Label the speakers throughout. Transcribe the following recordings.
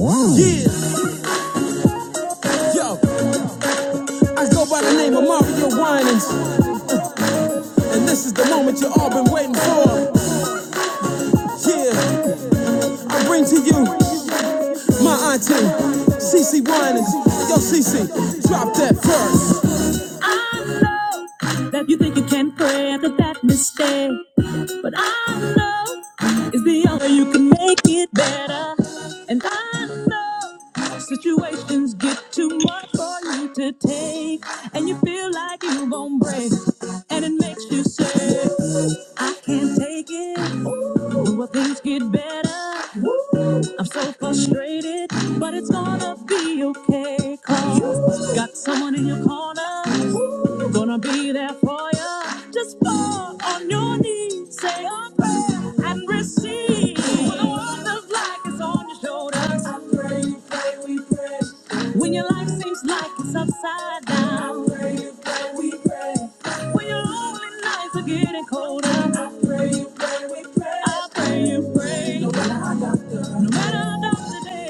Speaker 1: Yeah, yo, I go by the name of Mario Winans, and this is the moment you all been waiting for. Yeah, I bring to you my auntie, CC Winans. Yo, CC, drop that first. I know that you think you can pray after that mistake, but I know it's the only way you can make it better. And I know situations get too much for you to take, and you feel like you're going break, and it makes you say, I can't take it. Will things get better? I'm so frustrated, but it's gonna be okay. Cause got someone in your corner, gonna be there for you. Just fall on your knees, say a prayer, and receive. When the world looks like it's on your shoulders, I pray, you pray, we pray. When your life seems like it's upside down, I pray, you pray, we pray. When your lonely nights are getting colder, I pray, you pray. I'll pay you praise. No matter how dark the day,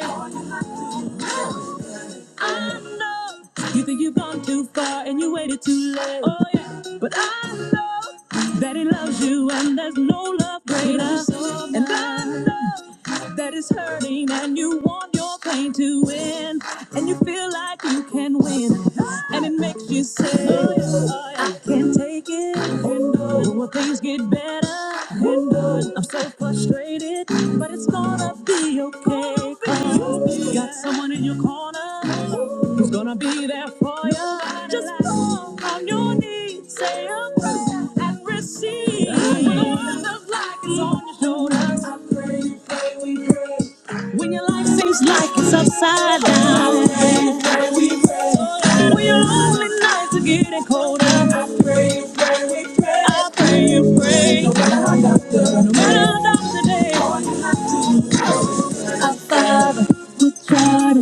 Speaker 1: I know you think you've gone too far and you waited too late. Oh yeah, but I know that He loves you and there's no love greater. And I know that it's hurting and you want your pain to win and you feel like you can win and it makes you say, oh, yeah, oh, yeah. I can't take Again. And on. Will things get better? And on. I'm so frustrated, but it's gonna be okay. 'cause you got someone in your corner who's gonna be there for you. Just fall on your knees, say a prayer, and receive. When the world looks like it's on your shoulders, when your life seems like it's upside down. I pray, pray, we pray. Oh, when your lonely nights are getting colder. I pray, pray, we pray. pray. No matter how dark the day. Our Father, which art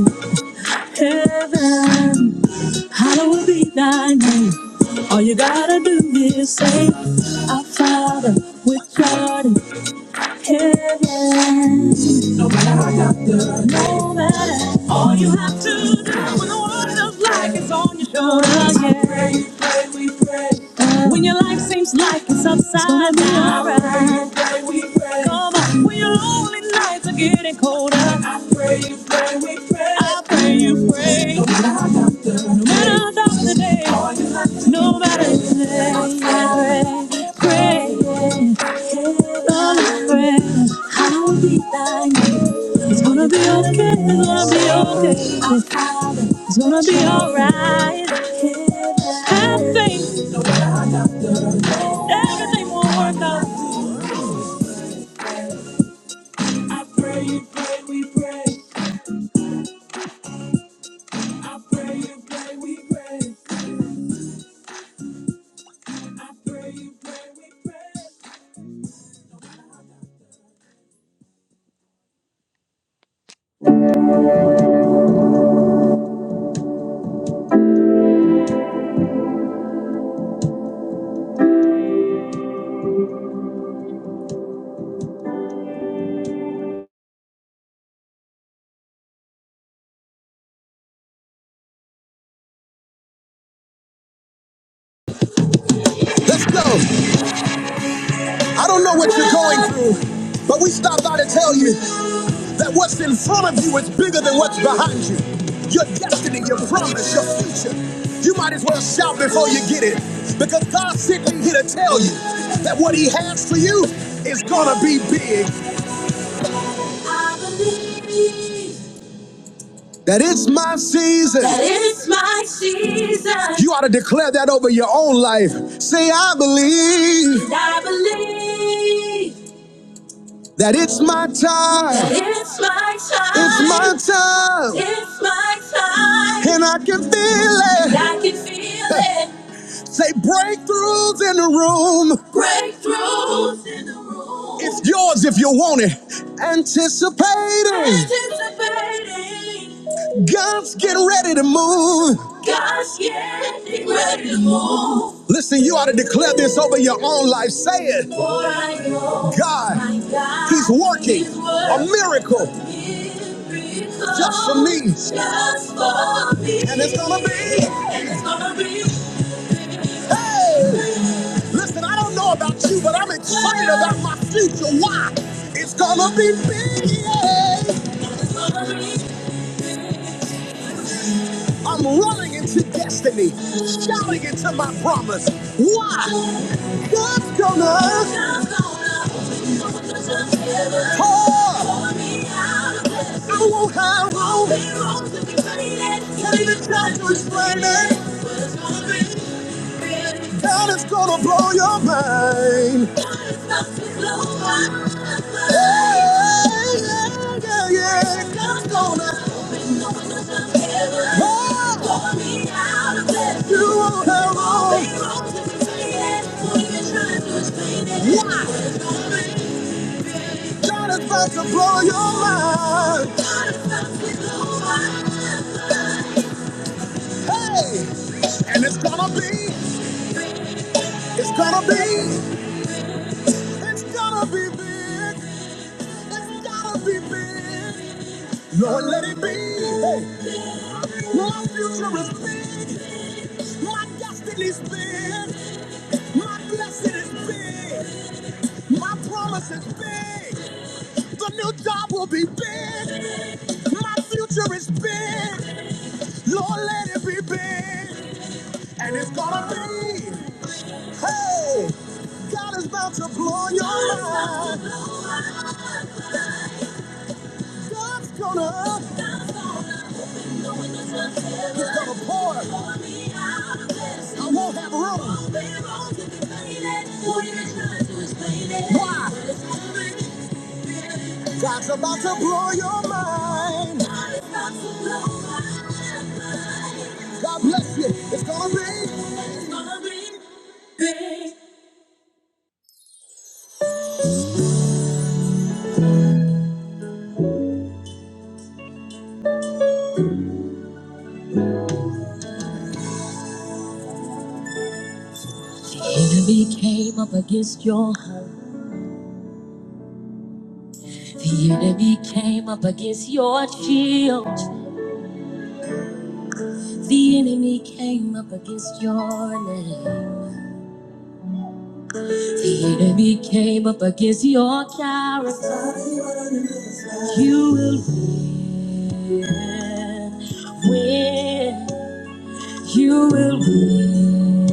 Speaker 1: in heaven, hallowed be thy name. All you gotta do is say, Our Father, which art in heaven. Know that all you have to do when the world of life is on your shoulders, yeah. When your life seems like it's upside down, right. come on. When your lonely nights are getting colder, I pray you pray, we pray. I pray you pray. No matter how dark the day, all you have to do, no matter the day, pray, pray, Lord, pray. I will be thine. It's gonna be okay. It's gonna be okay. It's gonna be alright. Have faith. Everything will work out. I pray you pray, we pray. I pray you pray, we pray. Let's go. I don't know what you're going through, but we stopped by to tell you that what's in front of you is bigger than what's behind you. Your destiny, your promise, your future. You might as well shout before you get it because God sent me here to tell you that what He has for you is gonna be big. that it's my season. That it's my season. You ought to declare that over your own life. Say, I believe And I believe that it's my time. that it's my time. It's my time. It's my time. And I can feel it. And I can feel it. Say breakthroughs in the room. Breakthroughs in the room. It's yours if you want it. Anticipating. Anticipating. God's getting ready to move. God's getting ready to move. Listen, you ought to declare this over your own life. Say it. For I know God, my God He's working is working a miracle. Just for me. Just for me. And it's gonna be. And it's gonna be. Hey! Listen, I don't know about you, but I'm excited about my future. Why? It's gonna be big. Yeah. I'm running into destiny, shouting into my promise. Why? God's gonna pour. me out of this. I won't have wrong. Can't even try to explain it. God is gonna blow your mind. God is about to blow my mind yeah, yeah. God's Oh. God is about to blow your mind. Hey, and it's gonna be, it's gonna be, it's gonna be big. It's gonna be big. Lord, let it be. Hey. My future is big. My destiny is big. My blessing is big. My promise is big. The new job will be big. My future is big. Lord, let it be big. And it's gonna be. Hey, God is about to blow your mind. God's gonna, God's gonna, he's gonna pour. I won't have room. Why? God's about to blow your mind. God bless you. It's gonna be. The enemy came up against your heart. The enemy came up against your shield. The enemy came up against your name. The enemy came up against your character. You will win. Win. You will win.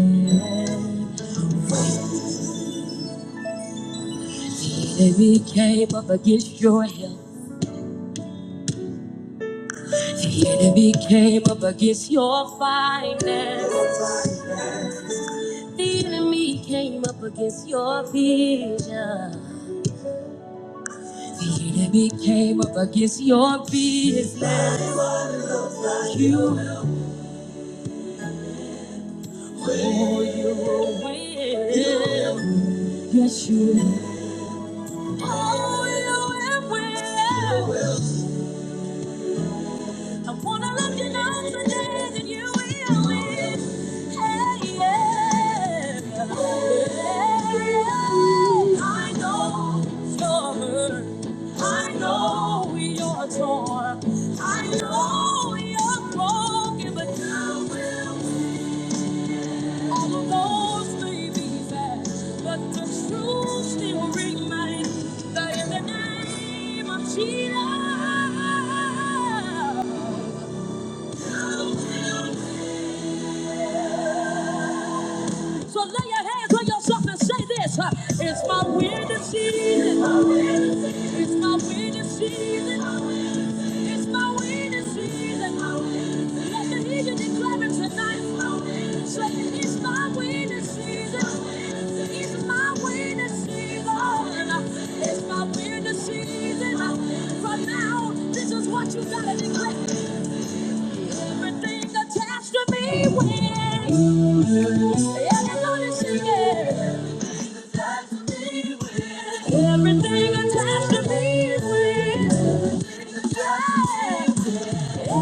Speaker 1: The enemy came up against your health. The enemy came up against your finances. The enemy came up against your vision. The enemy came up against your business. You Yeah. Yes, you will. Oh, you will. will. I wanna look you down today, and you will. Hey, yeah. Yeah. I know you're hurt. I know you're torn. I know you're broken, but you will. Jesus. So lay your hands on yourself and say this. uh, It's my winning season. It's my winning season. It's my winning season. Let the heathen declare it tonight. Say, it's my winning season. It's my winning season. It's my winning season. From now on, this is what you gotta declare. Everything attached to me wins. Everybody sing it. Everything attached to me wins. Everything attached to me wins. Hey, hey, oh,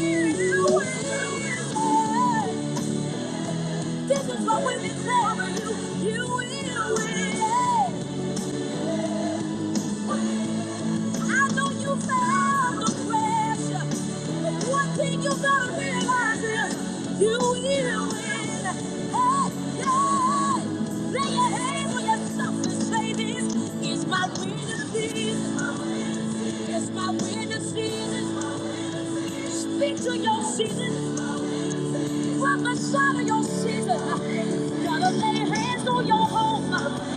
Speaker 1: you will win. This is what we have been declare you. You will win. I know you felt the pressure, but one thing you gotta realize is you will win. Hey, hey, lay your hands on yourself and say this is my winning season. It's my winning season. Speak to your season. Prophesy to your season. Gotta lay hands on your home.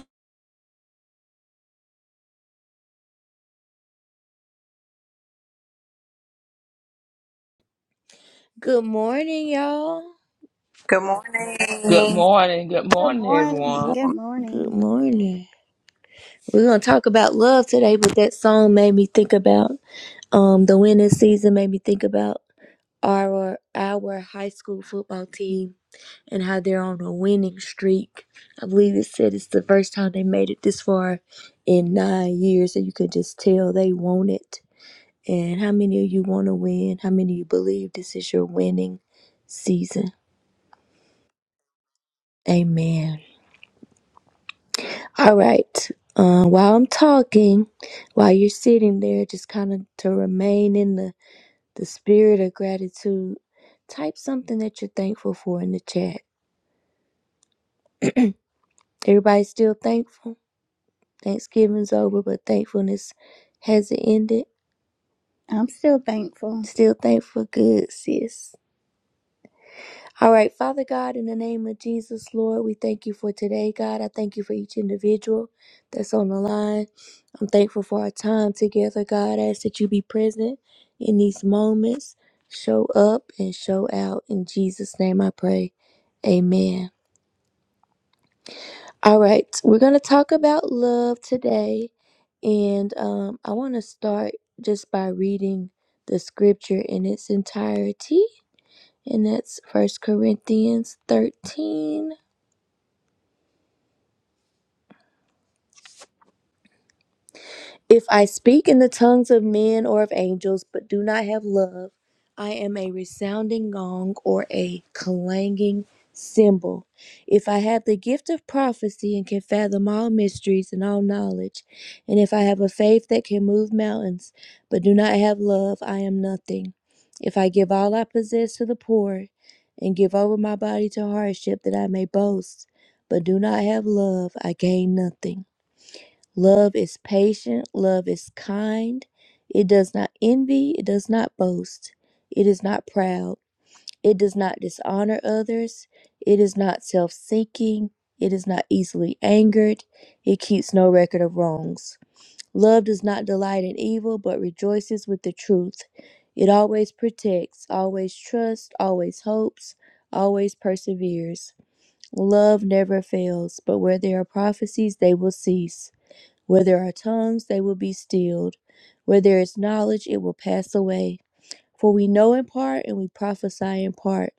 Speaker 1: Good morning, y'all.
Speaker 2: Good
Speaker 3: Good
Speaker 2: morning.
Speaker 3: morning. Good
Speaker 4: Good
Speaker 3: morning,
Speaker 5: Good
Speaker 4: morning.
Speaker 3: everyone.
Speaker 4: Good
Speaker 5: morning.
Speaker 1: Good
Speaker 4: morning.
Speaker 1: morning. We're gonna talk about love today, but that song made me think about um the winning season made me think about our our high school football team and how they're on a winning streak. I believe it said it's the first time they made it this far in nine years, so you could just tell they want it. And how many of you want to win? How many of you believe this is your winning season? Amen. All right. Uh, while I'm talking, while you're sitting there, just kind of to remain in the, the spirit of gratitude, type something that you're thankful for in the chat. Everybody's still thankful. Thanksgiving's over, but thankfulness hasn't ended.
Speaker 4: I'm still thankful.
Speaker 1: Still thankful. Good, sis. All right, Father God, in the name of Jesus, Lord, we thank you for today, God. I thank you for each individual that's on the line. I'm thankful for our time together, God. I ask that you be present in these moments. Show up and show out. In Jesus' name I pray. Amen. All right, we're going to talk about love today. And um, I want to start just by reading the scripture in its entirety. And that's First Corinthians 13. If I speak in the tongues of men or of angels, but do not have love, I am a resounding gong or a clanging cymbal. If I have the gift of prophecy and can fathom all mysteries and all knowledge, and if I have a faith that can move mountains, but do not have love, I am nothing. If I give all I possess to the poor and give over my body to hardship that I may boast, but do not have love, I gain nothing. Love is patient. Love is kind. It does not envy. It does not boast. It is not proud. It does not dishonor others. It is not self seeking. It is not easily angered. It keeps no record of wrongs. Love does not delight in evil, but rejoices with the truth. It always protects, always trusts, always hopes, always perseveres. Love never fails, but where there are prophecies, they will cease. Where there are tongues, they will be stilled. Where there is knowledge, it will pass away. For we know in part and we prophesy in part.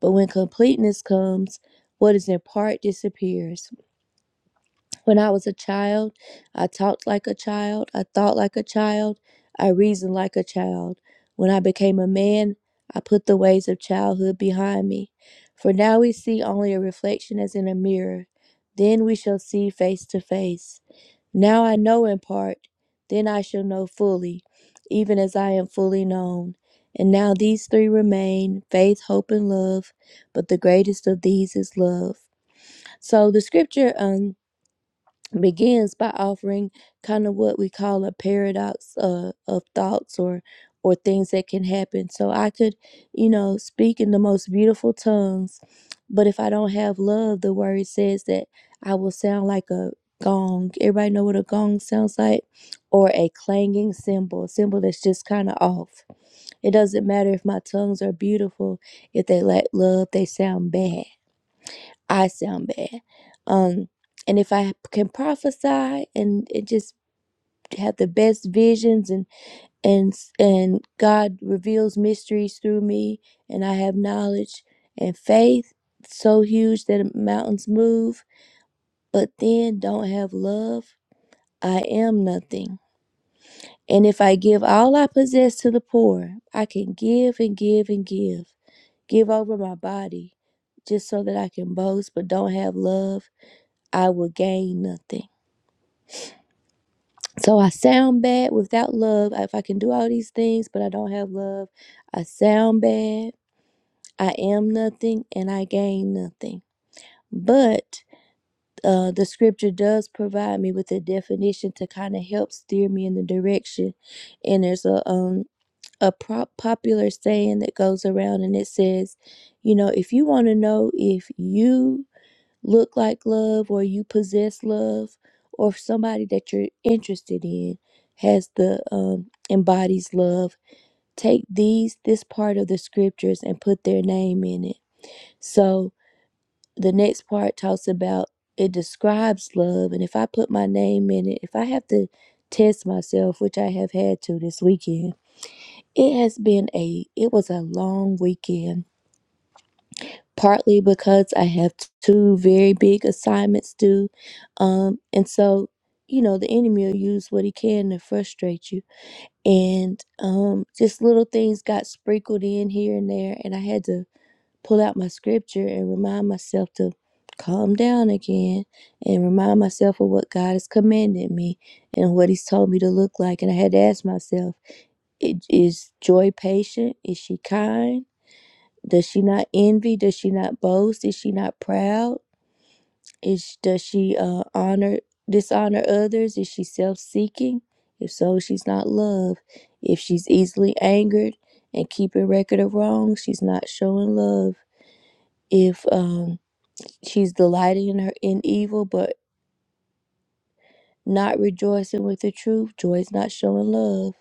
Speaker 1: But when completeness comes, what is in part disappears. When I was a child, I talked like a child, I thought like a child, I reasoned like a child. When I became a man, I put the ways of childhood behind me. For now we see only a reflection as in a mirror. Then we shall see face to face. Now I know in part, then I shall know fully, even as I am fully known. And now these three remain faith, hope, and love, but the greatest of these is love. So the scripture, um begins by offering kind of what we call a paradox uh, of thoughts or or things that can happen so i could you know speak in the most beautiful tongues but if i don't have love the word says that i will sound like a gong everybody know what a gong sounds like or a clanging cymbal a cymbal that's just kind of off it doesn't matter if my tongues are beautiful if they lack love they sound bad I sound bad. Um, and if I can prophesy and it just have the best visions and and and God reveals mysteries through me and I have knowledge and faith so huge that mountains move, but then don't have love, I am nothing. And if I give all I possess to the poor, I can give and give and give, give over my body just so that I can boast, but don't have love I will gain nothing. So I sound bad without love. If I can do all these things, but I don't have love, I sound bad. I am nothing and I gain nothing. But uh, the scripture does provide me with a definition to kind of help steer me in the direction. And there's a um a prop popular saying that goes around and it says, you know, if you want to know if you look like love or you possess love or somebody that you're interested in has the um, embodies love take these this part of the scriptures and put their name in it so the next part talks about it describes love and if i put my name in it if i have to test myself which i have had to this weekend it has been a it was a long weekend partly because I have two very big assignments due. Um, and so, you know, the enemy will use what he can to frustrate you. And um, just little things got sprinkled in here and there. And I had to pull out my scripture and remind myself to calm down again and remind myself of what God has commanded me and what he's told me to look like. And I had to ask myself, i- is joy patient? Is she kind? Does she not envy? Does she not boast? Is she not proud? Is does she uh, honor dishonor others? Is she self-seeking? If so, she's not love. If she's easily angered and keeping record of wrong, she's not showing love. If um, she's delighting in her in evil but not rejoicing with the truth, joy's not showing love.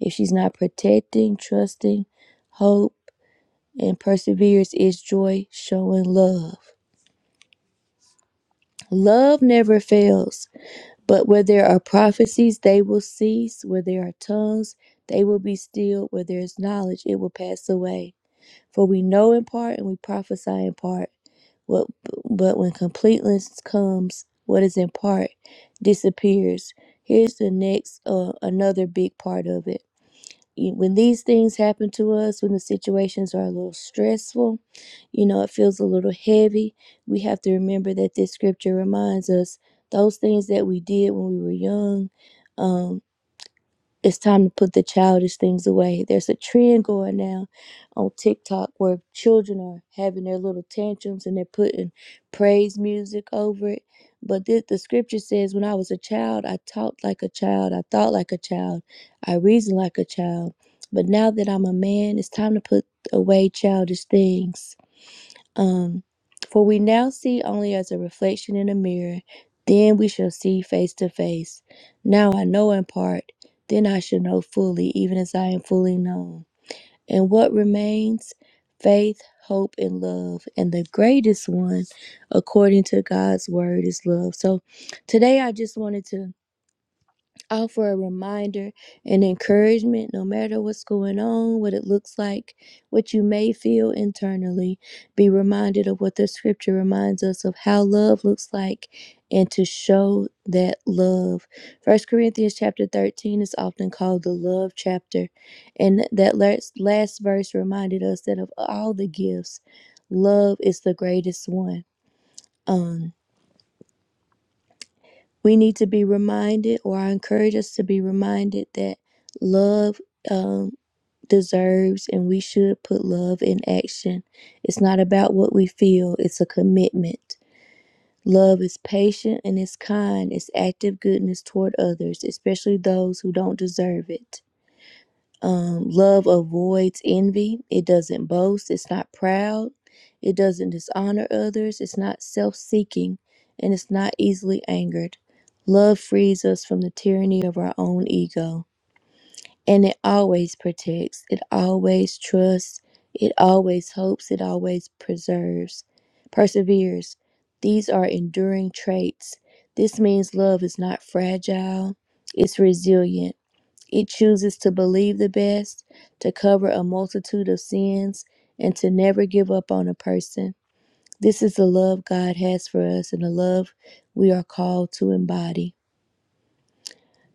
Speaker 1: If she's not protecting, trusting, hope, and perseverance, is joy showing love? Love never fails, but where there are prophecies, they will cease. Where there are tongues, they will be stilled. Where there is knowledge, it will pass away. For we know in part and we prophesy in part. What, but when completeness comes, what is in part disappears. Here's the next, uh, another big part of it when these things happen to us, when the situations are a little stressful, you know, it feels a little heavy, we have to remember that this scripture reminds us those things that we did when we were young. um, it's time to put the childish things away. There's a trend going now on TikTok where children are having their little tantrums and they're putting praise music over it. But the, the scripture says, When I was a child, I talked like a child, I thought like a child, I reasoned like a child. But now that I'm a man, it's time to put away childish things. Um, for we now see only as a reflection in a mirror, then we shall see face to face. Now I know in part, then I shall know fully, even as I am fully known. And what remains? Faith, hope, and love. And the greatest one, according to God's word, is love. So today I just wanted to Offer a reminder and encouragement, no matter what's going on, what it looks like, what you may feel internally. Be reminded of what the scripture reminds us of how love looks like and to show that love. First Corinthians chapter 13 is often called the love chapter. And that last, last verse reminded us that of all the gifts, love is the greatest one. Um we need to be reminded, or I encourage us to be reminded, that love um, deserves and we should put love in action. It's not about what we feel, it's a commitment. Love is patient and it's kind, it's active goodness toward others, especially those who don't deserve it. Love avoids envy. It doesn't boast. It's not proud. It doesn't dishonor others. It's not self seeking. And it's not easily angered. Love frees us from the tyranny of our own ego. And it always protects. It always trusts. It always hopes. It always preserves. Perseveres. These are enduring traits. This means love is not fragile, it's resilient. It chooses to believe the best, to cover a multitude of sins, and to never give up on a person. This is the love God has for us and the love we are called to embody.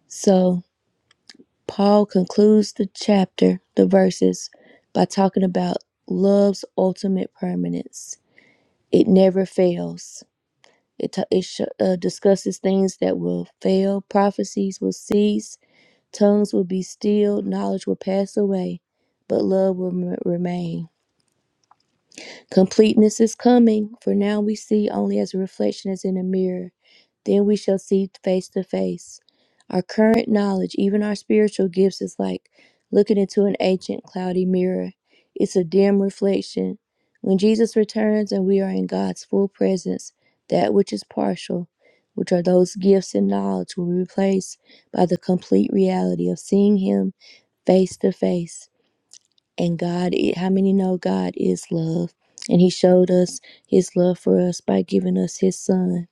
Speaker 1: So, Paul concludes the chapter, the verses, by talking about love's ultimate permanence. It never fails. It, t- it sh- uh, discusses things that will fail, prophecies will cease, Tongues will be stilled, knowledge will pass away, but love will remain. Completeness is coming, for now we see only as a reflection as in a mirror. Then we shall see face to face. Our current knowledge, even our spiritual gifts, is like looking into an ancient cloudy mirror. It's a dim reflection. When Jesus returns and we are in God's full presence, that which is partial, which are those gifts and knowledge, will be replaced by the complete reality of seeing Him face to face. And God, how many know God is love? And He showed us His love for us by giving us His Son.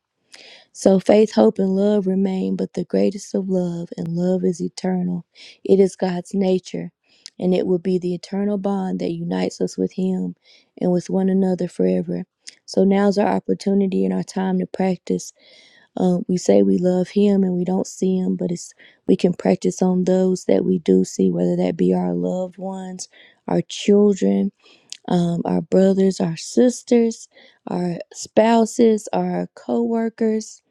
Speaker 1: So faith, hope, and love remain, but the greatest of love, and love is eternal. It is God's nature, and it will be the eternal bond that unites us with Him and with one another forever. So now's our opportunity and our time to practice. Uh, we say we love him and we don't see him, but it's we can practice on those that we do see, whether that be our loved ones, our children, um, our brothers, our sisters, our spouses, our co-workers.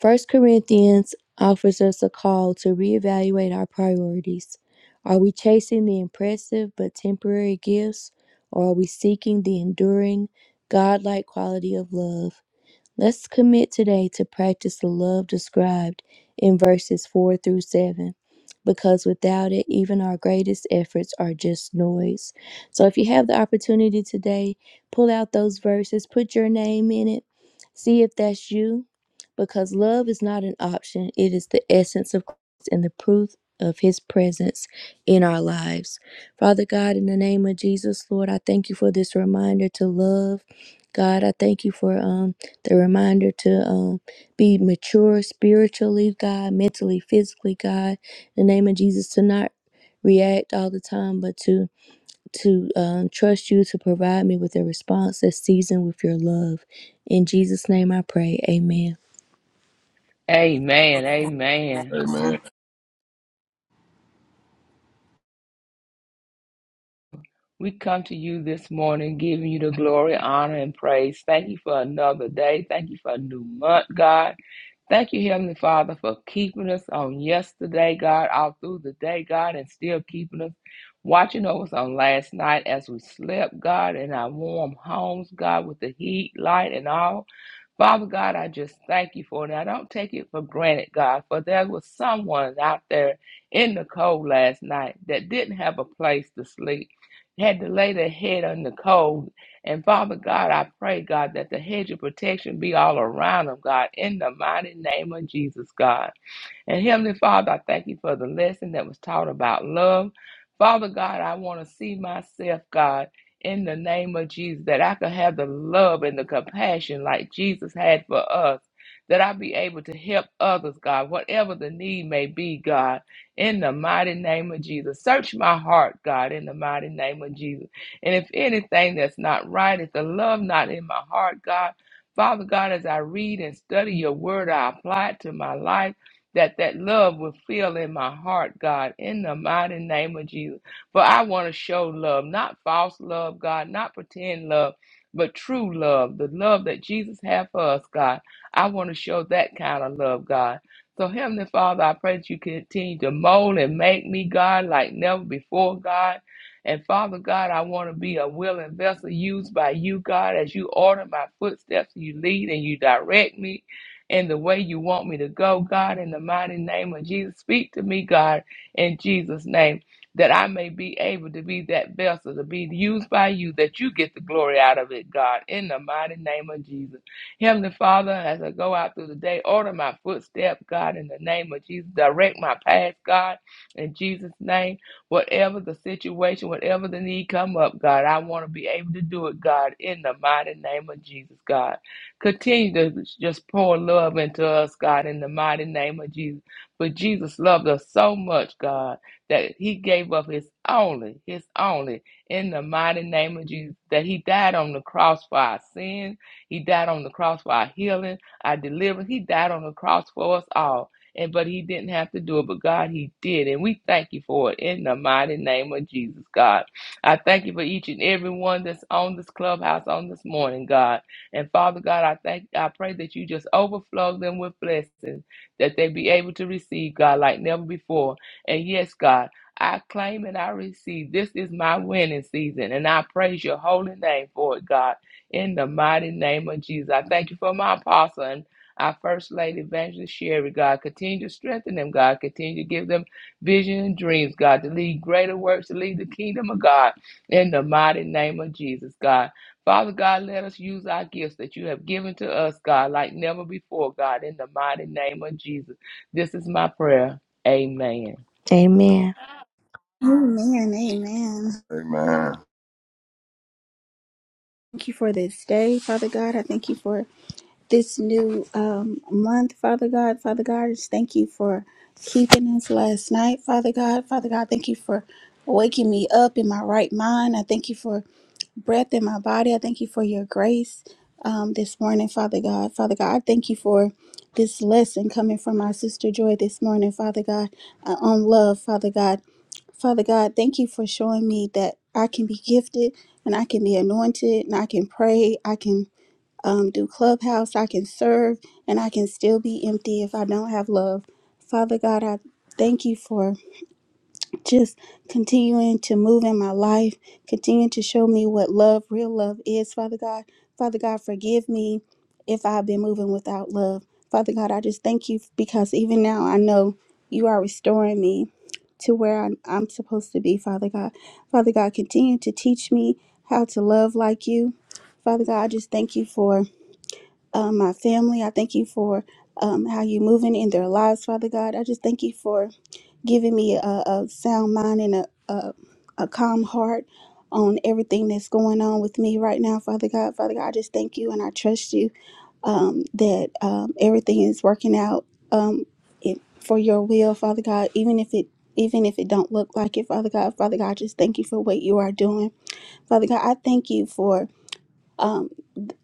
Speaker 1: First Corinthians offers us a call to reevaluate our priorities. Are we chasing the impressive but temporary gifts, or are we seeking the enduring, God-like quality of love? Let's commit today to practice the love described in verses 4 through 7, because without it, even our greatest efforts are just noise. So if you have the opportunity today, pull out those verses, put your name in it, see if that's you, because love is not an option, it is the essence of Christ and the proof of his presence in our lives. Father God, in the name of Jesus, Lord, I thank you for this reminder to love. God, I thank you for um, the reminder to um, be mature spiritually, God, mentally, physically, God. In the name of Jesus, to not react all the time, but to to um, trust you to provide me with a response that's seasoned with your love. In Jesus' name, I pray. Amen.
Speaker 3: Amen. Amen.
Speaker 5: Amen.
Speaker 2: Amen.
Speaker 3: We come to you this morning giving you the glory, honor, and praise. Thank you for another day. Thank you for a new month, God. Thank you, Heavenly Father, for keeping us on yesterday, God, all through the day, God, and still keeping us watching over us on last night as we slept, God, in our warm homes, God, with the heat, light, and all. Father God, I just thank you for it. I don't take it for granted, God, for there was someone out there in the cold last night that didn't have a place to sleep, had to lay their head on the cold. And Father God, I pray, God, that the hedge of protection be all around them, God, in the mighty name of Jesus, God. And Heavenly Father, I thank you for the lesson that was taught about love. Father God, I want to see myself, God, in the name of Jesus, that I could have the love and the compassion like Jesus had for us, that I be able to help others, God, whatever the need may be, God, in the mighty name of Jesus. Search my heart, God, in the mighty name of Jesus. And if anything that's not right, if the love not in my heart, God, Father God, as I read and study your word, I apply it to my life that that love will fill in my heart, God, in the mighty name of Jesus. For I want to show love, not false love, God, not pretend love, but true love, the love that Jesus had for us, God. I want to show that kind of love, God. So, Heavenly Father, I pray that you continue to mold and make me, God, like never before, God. And Father God, I want to be a willing vessel used by you, God, as you order my footsteps, you lead and you direct me in the way you want me to go, God, in the mighty name of Jesus. Speak to me, God, in Jesus' name, that I may be able to be that vessel, to be used by you, that you get the glory out of it, God, in the mighty name of Jesus. Heavenly Father, as I go out through the day, order my footsteps, God, in the name of Jesus. Direct my path, God, in Jesus' name. Whatever the situation, whatever the need come up, God, I want to be able to do it, God, in the mighty name of Jesus, God. Continue to just pour love into us, God, in the mighty name of Jesus. But Jesus loved us so much, God, that he gave up his only, his only, in the mighty name of Jesus, that he died on the cross for our sin. He died on the cross for our healing, our deliverance. He died on the cross for us all. And but he didn't have to do it, but God, he did. And we thank you for it in the mighty name of Jesus, God. I thank you for each and every one that's on this clubhouse on this morning, God. And Father God, I thank I pray that you just overflow them with blessings that they be able to receive, God, like never before. And yes, God, I claim and I receive. This is my winning season, and I praise your holy name for it, God, in the mighty name of Jesus. I thank you for my apostle and our First Lady Evangelist Sherry, God. Continue to strengthen them, God. Continue to give them vision and dreams, God, to lead greater works, to lead the kingdom of God in the mighty name of Jesus, God. Father God, let us use our gifts that you have given to us, God, like never before, God, in the mighty name of Jesus. This is my prayer. Amen.
Speaker 1: Amen.
Speaker 4: Amen. Amen.
Speaker 5: Amen.
Speaker 4: Thank you for this day, Father God. I thank you for this new um, month, Father God. Father God, I just thank you for keeping us last night, Father God. Father God, thank you for waking me up in my right mind. I thank you for breath in my body. I thank you for your grace um, this morning, Father God. Father God, I thank you for this lesson coming from my sister Joy this morning, Father God, uh, on love, Father God. Father God, thank you for showing me that I can be gifted and I can be anointed and I can pray. I can um, do clubhouse. I can serve and I can still be empty if I don't have love. Father God, I thank you for just continuing to move in my life, continuing to show me what love, real love is, Father God. Father God, forgive me if I've been moving without love. Father God, I just thank you because even now I know you are restoring me to where I'm, I'm supposed to be, Father God. Father God, continue to teach me how to love like you. Father God, I just thank you for um, my family. I thank you for um, how you're moving in their lives, Father God. I just thank you for giving me a, a sound mind and a, a a calm heart on everything that's going on with me right now, Father God. Father God, I just thank you and I trust you um, that um, everything is working out um, it, for your will, Father God. Even if it even if it don't look like it, Father God, Father God, I just thank you for what you are doing, Father God. I thank you for. um,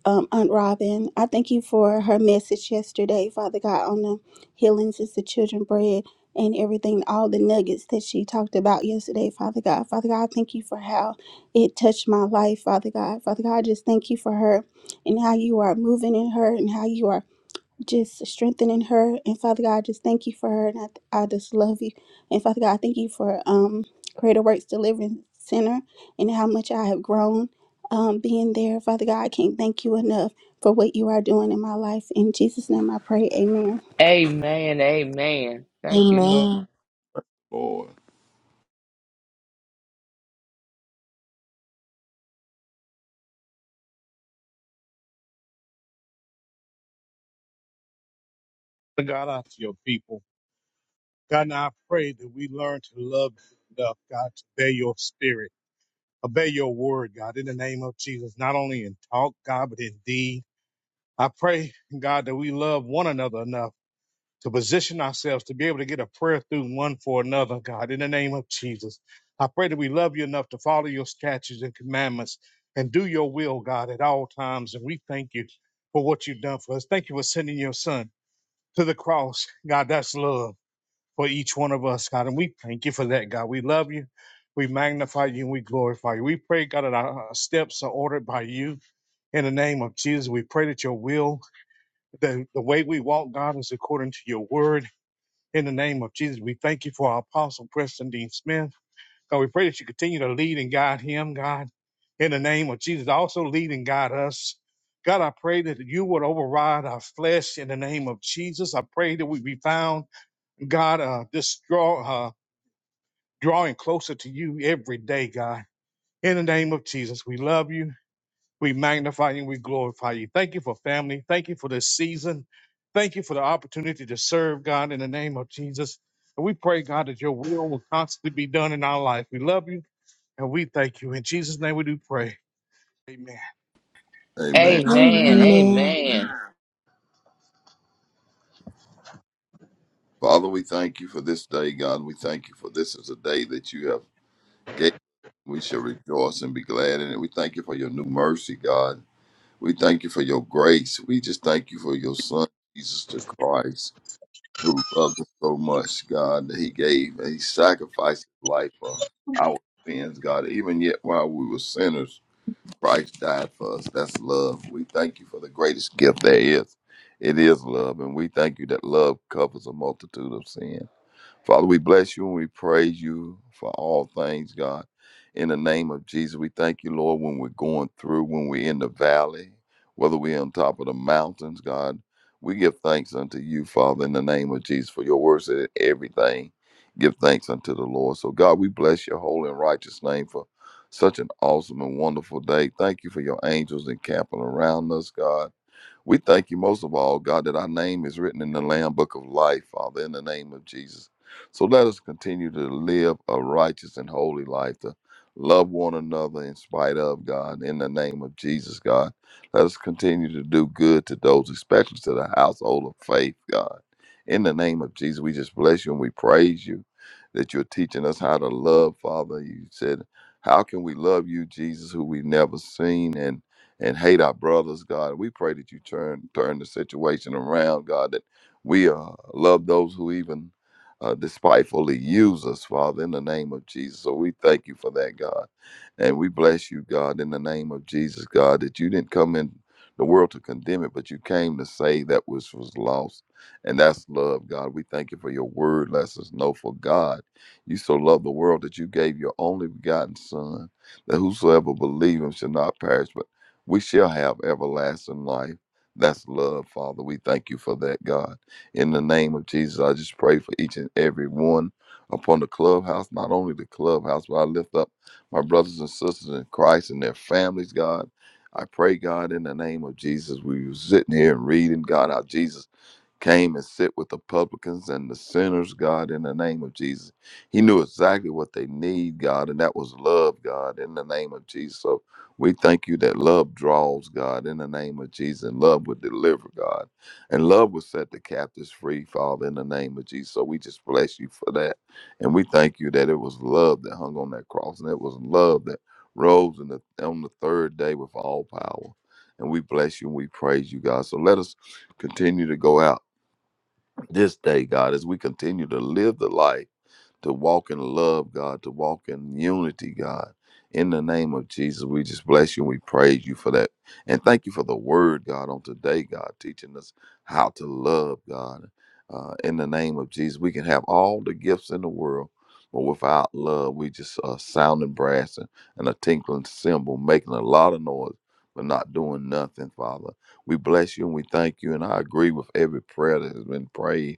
Speaker 4: um, Aunt Robin. I thank you for her message yesterday, Father God, on the healings is the children bread and everything, all the nuggets that she talked about yesterday, Father God. Father God, I thank you for how it touched my life, Father God. Father God, I just thank you for her and how you are moving in her and how you are just strengthening her. And Father God, I just thank you for her. And I, I just love you. And Father God, I thank you for um, Creator Works Deliverance Center and how much I have grown um, being there. Father God, I can't thank you enough for what you are doing in my life. In Jesus' name I pray. Amen.
Speaker 3: Amen. Amen. Thank you, Lord.
Speaker 1: Amen.
Speaker 5: Lord.
Speaker 6: God, out to your people. God, now I pray that we learn to love you enough, God, to obey your spirit, obey your word, God, in the name of Jesus, not only in talk, God, but in deed. I pray, God, that we love one another enough to position ourselves to be able to get a prayer through one for another, God, in the name of Jesus. I pray that we love you enough to follow your statutes and commandments and do your will, God, at all times. And we thank you for what you've done for us. Thank you for sending your son to the cross. God, that's love. for each one of us, God. And we thank you for that, God. We love you. We magnify you and we glorify you. We pray, God, that our uh, steps are ordered by you. In the name of Jesus, we pray that your will, the, the way we walk, God, is according to your word. In the name of Jesus, we thank you for our apostle, Preston Dean Smith. God, we pray that you continue to lead and guide him, God. In the name of Jesus, also lead and guide us. God, I pray that you would override our flesh in the name of Jesus. I pray that we be found God, uh, destroy. uh, drawing closer to you every day, God. In the name of Jesus, we love you. We magnify you. We glorify you. Thank you for family. Thank you for this season. Thank you for the opportunity to serve God in the name of Jesus. And we pray, God, that your will will constantly be done in our life. We love you and we thank you. In Jesus' name we do pray. Amen.
Speaker 5: Amen.
Speaker 3: Amen.
Speaker 1: Amen.
Speaker 3: Amen.
Speaker 5: Father, we thank you for this day, God. We thank you for this is a day that you have gave. We shall rejoice and be glad in it. We thank you for your new mercy, God. We thank you for your grace. We just thank you for your son, Jesus the Christ, who loved us so much, God, that he gave and he sacrificed his life for our sins, God. Even yet while we were sinners, Christ died for us. That's love. We thank you for the greatest gift there is. It is love, and we thank you that love covers a multitude of sins. Father, we bless you and we praise you for all things, God. In the name of Jesus, we thank you, Lord, when we're going through, when we're in the valley, whether we're on top of the mountains, God. We give thanks unto you, Father, in the name of Jesus, for your words that everything give thanks unto the Lord. So, God, we bless your holy and righteous name for such an awesome and wonderful day. Thank you for your angels encamping around us, God. We thank you most of all, God, that our name is written in the Lamb Book of Life, Father, in the name of Jesus. So let us continue to live a righteous and holy life, to love one another in spite of God, in the name of Jesus, God. Let us continue to do good to those, especially to the household of faith, God. In the name of Jesus, we just bless you and we praise you that you're teaching us how to love, Father. You said, How can we love you, Jesus, who we've never seen? and and hate our brothers, God. We pray that you turn turn the situation around, God, that we uh, love those who even uh, despitefully use us, Father, in the name of Jesus. So we thank you for that, God. And we bless you, God, in the name of Jesus, God, that you didn't come in the world to condemn it, but you came to save that which was lost. And that's love, God. We thank you for your word. Let us know for God. You so loved the world that you gave your only begotten Son, that whosoever believes him shall not perish, but we shall have everlasting life. That's love, Father. We thank you for that, God. In the name of Jesus, I just pray for each and every one upon the clubhouse, not only the clubhouse, but I lift up my brothers and sisters in Christ and their families, God. I pray, God, in the name of Jesus, we were sitting here and reading, God, how Jesus came and sit with the publicans and the sinners, God, in the name of Jesus. He knew exactly what they need, God, and that was love, God, in the name of Jesus. So we thank you that love draws, God, in the name of Jesus, and love would deliver, God, and love would set the captives free, Father, in the name of Jesus. So we just bless you for that. And we thank you that it was love that hung on that cross, and it was love that rose in the, on the third day with all power. And we bless you and we praise you, God. So let us continue to go out this day, God, as we continue to live the life, to walk in love, God, to walk in unity, God. In the name of Jesus, we just bless you and we praise you for that. And thank you for the word, God, on today, God, teaching us how to love, God. Uh, in the name of Jesus, we can have all the gifts in the world, but without love, we just uh, sounding brass and, and a tinkling cymbal, making a lot of noise, but not doing nothing, Father. We bless you and we thank you. And I agree with every prayer that has been prayed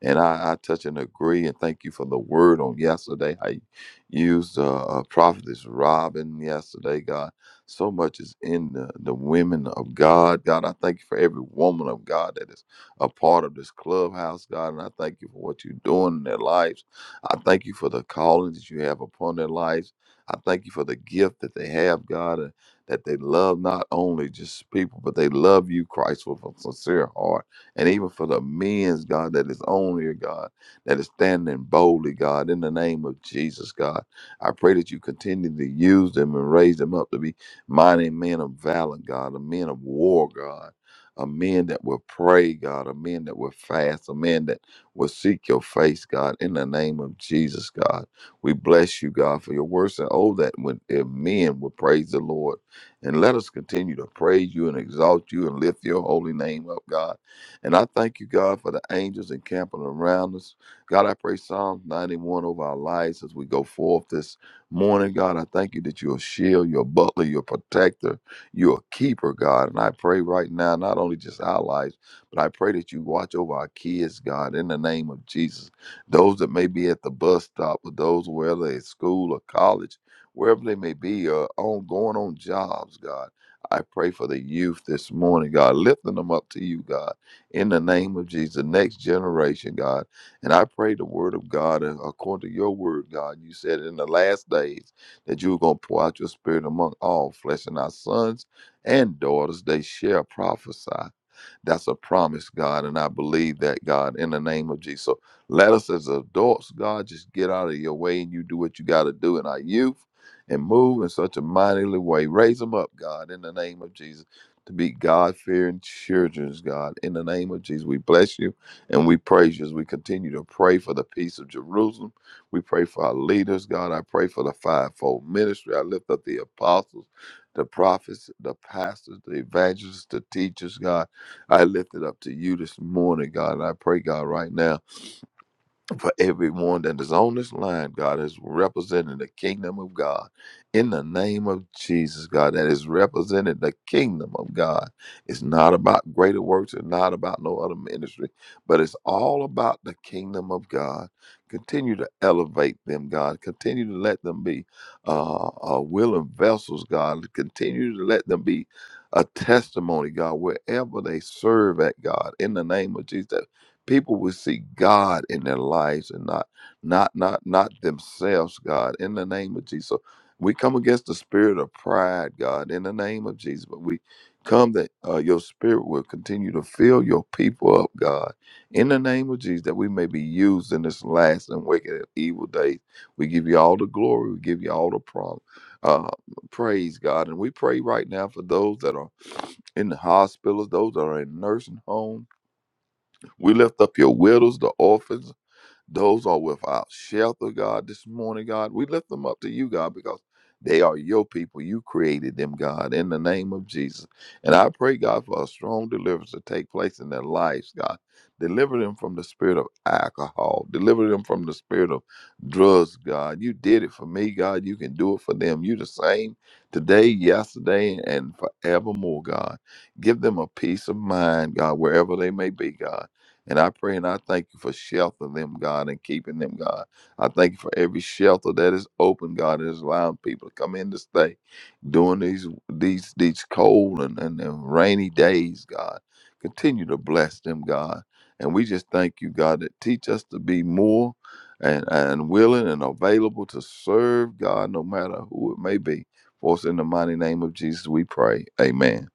Speaker 5: and I, I touch and agree and thank you for the word on yesterday. I used uh, uh, Prophetess Robin yesterday, God. So much is in the, the women of God. God, I thank you for every woman of God that is a part of this clubhouse, God. And I thank you for what you're doing in their lives. I thank you for the calling that you have upon their lives. I thank you for the gift that they have, God, and that they love not only just people, but they love you, Christ, with a sincere heart and even for the men's God that is on here, God, that is standing boldly, God, in the name of Jesus, God. I pray that you continue to use them and raise them up to be mighty men of valor, God, a men of war, God. A men that will pray, God, a men that will fast, a men that will seek your face, God, in the name of Jesus, God. We bless you, God, for your words and all that when if men will praise the Lord. And let us continue to praise you and exalt you and lift your holy name up, God and I thank you, God, for the angels encamping around us. God, I pray Psalms 91 over our lives as we go forth this morning. God, I thank you that you're a shield, you're a butler, you're a protector, you're a keeper, God. And I pray right now, not only just our lives, but I pray that you watch over our kids, God, in the name of Jesus. Those that may be at the bus stop, or those whether they're at school or college, wherever they may be, or on going on jobs, God. I pray for the youth this morning, God, lifting them up to you, God in the name of Jesus, next generation, God. And I pray the word of God, uh, according to your word, God, you said in the last days that you were going to pour out your spirit among all flesh, and our sons and daughters, they shall prophesy. That's a promise, God. And I believe that, God, in the name of Jesus. So let us as adults, God, just get out of your way and you do what you got to do in our youth and move in such a mightily way. Raise them up, God, in the name of Jesus, to be God fearing children, God. In the name of Jesus, we bless you and we praise you as we continue to pray for the peace of Jerusalem. We pray for our leaders, God. I pray for the fivefold ministry. I lift up the apostles the prophets, the pastors, the evangelists, the teachers, God. I lift it up to you this morning, God. And I pray, God, right now for everyone that is on this line, God, is representing the kingdom of God. In the name of Jesus, God, that is representing the kingdom of God. It's not about greater works and not about no other ministry, but it's all about the kingdom of God. Continue to elevate them, God. Continue to let them be uh, uh, willing vessels, God. Continue to let them be a testimony, God, wherever they serve at, God. In the name of Jesus, people will see God in their lives and not not not not themselves, God, in the name of Jesus. So we come against the spirit of pride, God, in the name of Jesus. But we come that uh, your spirit will continue to fill your people up, God, in the name of Jesus, that we may be used in this last and wicked and evil day. We give you all the glory, we give you all the prom- uh, praise, God. And we pray right now for those that are in the hospitals, those that are in nursing homes we lift up your widows, the orphans, those are without shelter, God, this morning, God. We lift them up to you, God, because they are your people. You created them, God, in the name of Jesus. And I pray, God, for a strong deliverance to take place in their lives, God. Deliver them from the spirit of alcohol. Deliver them from the spirit of drugs, God. You did it for me, God. You can do it for them. You the same today, yesterday, and forevermore, God. Give them a peace of mind, God, wherever they may be, God. And I pray and I thank you for sheltering them, God, and keeping them, God. I thank you for every shelter that is open, God, that is allowing people to come in to stay during these these these cold and, and, and rainy days, God. Continue to bless them, God. And we just thank you, God, that teach us to be more and, and willing and available to serve God, no matter who it may be. For us in the mighty name of Jesus, we pray. Amen.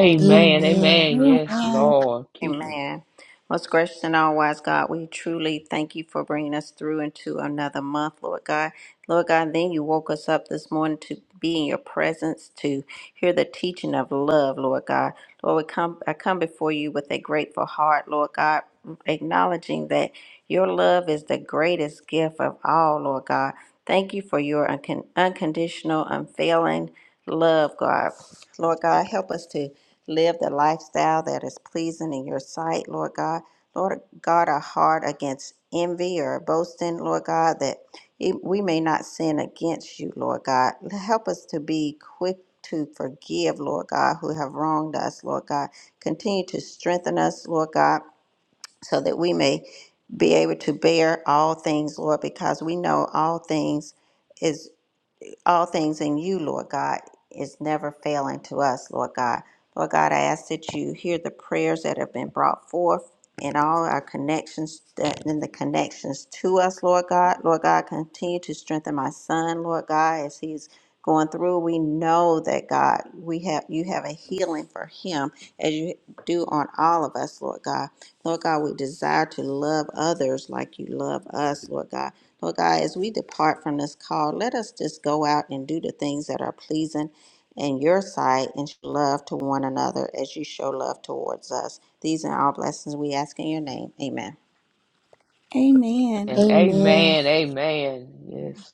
Speaker 2: Amen.
Speaker 1: Amen.
Speaker 3: Amen. Yes,
Speaker 4: Amen.
Speaker 3: Lord. Keep them.
Speaker 2: Amen. Most gracious and all wise God, we truly thank you for bringing us through into another month, Lord God. Lord God, then you woke us up this morning to be in your presence, to hear the teaching of love, Lord God. Lord, we come, I come before you with a grateful heart, Lord God, acknowledging that your love is the greatest gift of all, Lord God. Thank you for your uncon- unconditional, unfailing love, God. Lord God, help us to live the lifestyle that is pleasing in your sight, Lord God. Lord God, our heart against envy or boasting, Lord God, that e, we may not sin against you, Lord God. Help us to be quick to forgive, Lord God, who have wronged us, Lord God. Continue to strengthen us, Lord God, so that we may be able to bear all things, Lord, because we know all things. is all things in you, Lord God, is never failing to us, Lord God. Lord God, I ask that you hear the prayers that have been brought forth and all our connections that in the connections to us, Lord God. Lord God, continue to strengthen my son, Lord God, as he's going through. We know that God, we have you have a healing for him as you do on all of us, Lord God. Lord God, we desire to love others like you love us, Lord God. Lord God, as we depart from this call, let us just go out and do the things that are pleasing in your sight and show love to one another as you show love towards us. These are all blessings we ask in your name. Amen.
Speaker 4: Amen.
Speaker 3: And
Speaker 1: Amen.
Speaker 3: amen. Amen. Yes.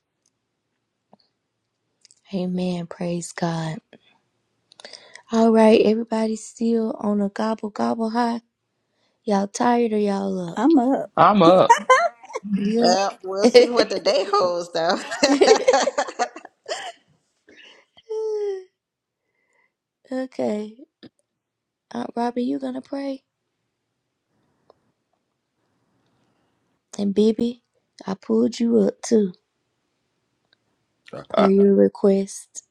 Speaker 1: Amen. Praise God. All right, everybody still on a gobble gobble high. Y'all tired or y'all up?
Speaker 4: I'm up.
Speaker 3: I'm up.
Speaker 1: Yeah.
Speaker 2: Well, we'll see what the day holds, though.
Speaker 1: okay. Aunt Robbie, you gonna pray? And Bibi, I pulled you up too, per your request.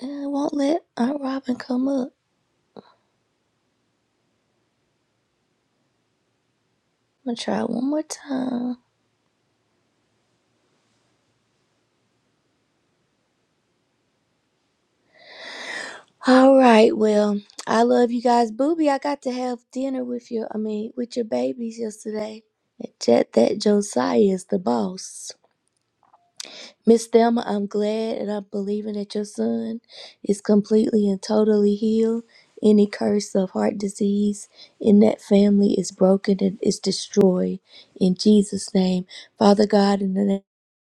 Speaker 1: And I won't let Aunt Robin come up. I'm gonna try one more time. All right, well, I love you guys. Booby, I got to have dinner with your I mean, with your babies yesterday. Jet that Josiah is the boss. Miss Thelma, I'm glad and I'm believing that your son is completely and totally healed. Any curse of heart disease in that family is broken and is destroyed in Jesus' name. Father God, in the name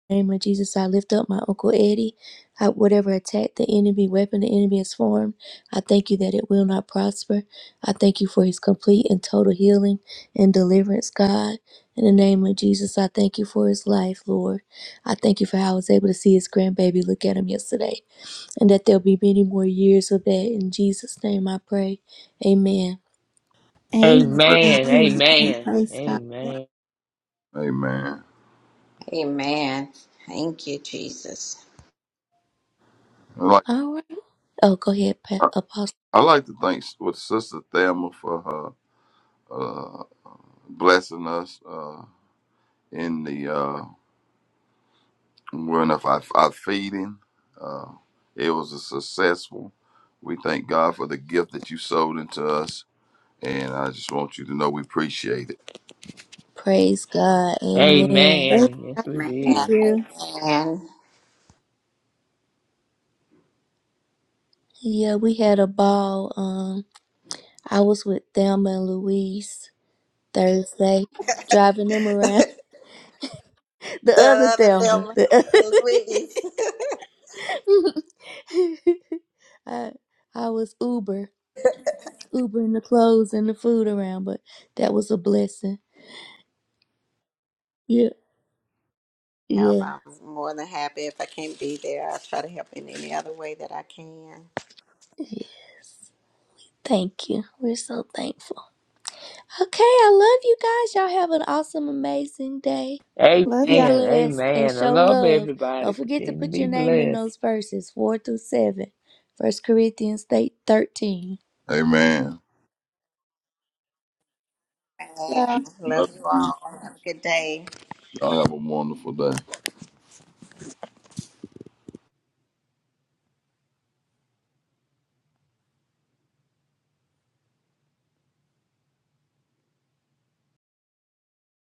Speaker 1: name of Jesus, I lift up my Uncle Eddie. I, whatever attack the enemy, weapon the enemy has formed, I thank you that it will not prosper. I thank you for his complete and total healing and deliverance, God. In the name of Jesus, I thank you for his life, Lord. I thank you for how I was able to see his grandbaby look at him yesterday, and that there'll be many more years of that. In Jesus' name, I pray. Amen.
Speaker 4: Amen.
Speaker 3: Amen.
Speaker 4: Amen.
Speaker 3: Amen.
Speaker 4: Praise God.
Speaker 3: Amen.
Speaker 5: Amen.
Speaker 2: Amen. Thank you, Jesus.
Speaker 5: Like,
Speaker 1: All right. Oh, go ahead, Pa- Apostle.
Speaker 5: I like to thank with Sister Thelma for her uh, blessing us uh, in the uh, run of our, our feeding. Uh, it was a successful. We thank God for the gift that you sold into us, and I just want you to know we appreciate it.
Speaker 1: Praise God. Amen.
Speaker 4: Thank
Speaker 3: Amen. Yes, we
Speaker 2: Amen.
Speaker 3: did.
Speaker 4: you.
Speaker 2: Amen.
Speaker 1: Yeah, we had a ball. Um, I was with Thelma and Louise Thursday, driving them around. The other
Speaker 2: The other
Speaker 1: Thelma.
Speaker 2: film,
Speaker 1: The other
Speaker 2: Louise.
Speaker 1: I, I was Uber, Ubering the clothes and the food around, but that was a blessing. Yeah,
Speaker 2: help.
Speaker 1: yeah,
Speaker 2: I'm more than happy if I can't be there. I'll try to help in any other way that I can.
Speaker 1: yeah. Thank you. We're so thankful. Okay, I love you guys. Y'all have an awesome, amazing day.
Speaker 3: Amen.
Speaker 4: Love
Speaker 1: Be blessed and
Speaker 3: Amen. I
Speaker 1: show
Speaker 3: love
Speaker 1: love. Don't
Speaker 3: everybody.
Speaker 1: forget to
Speaker 3: Continue to
Speaker 1: put
Speaker 3: be
Speaker 1: your name in
Speaker 3: blessed.
Speaker 1: those verses, 4 through 7, 1 Corinthians 8, 13.
Speaker 5: Amen.
Speaker 2: And
Speaker 4: y'all.
Speaker 2: love
Speaker 5: Love
Speaker 2: you
Speaker 5: you.
Speaker 2: all. Have a good day.
Speaker 5: Y'all have a wonderful day.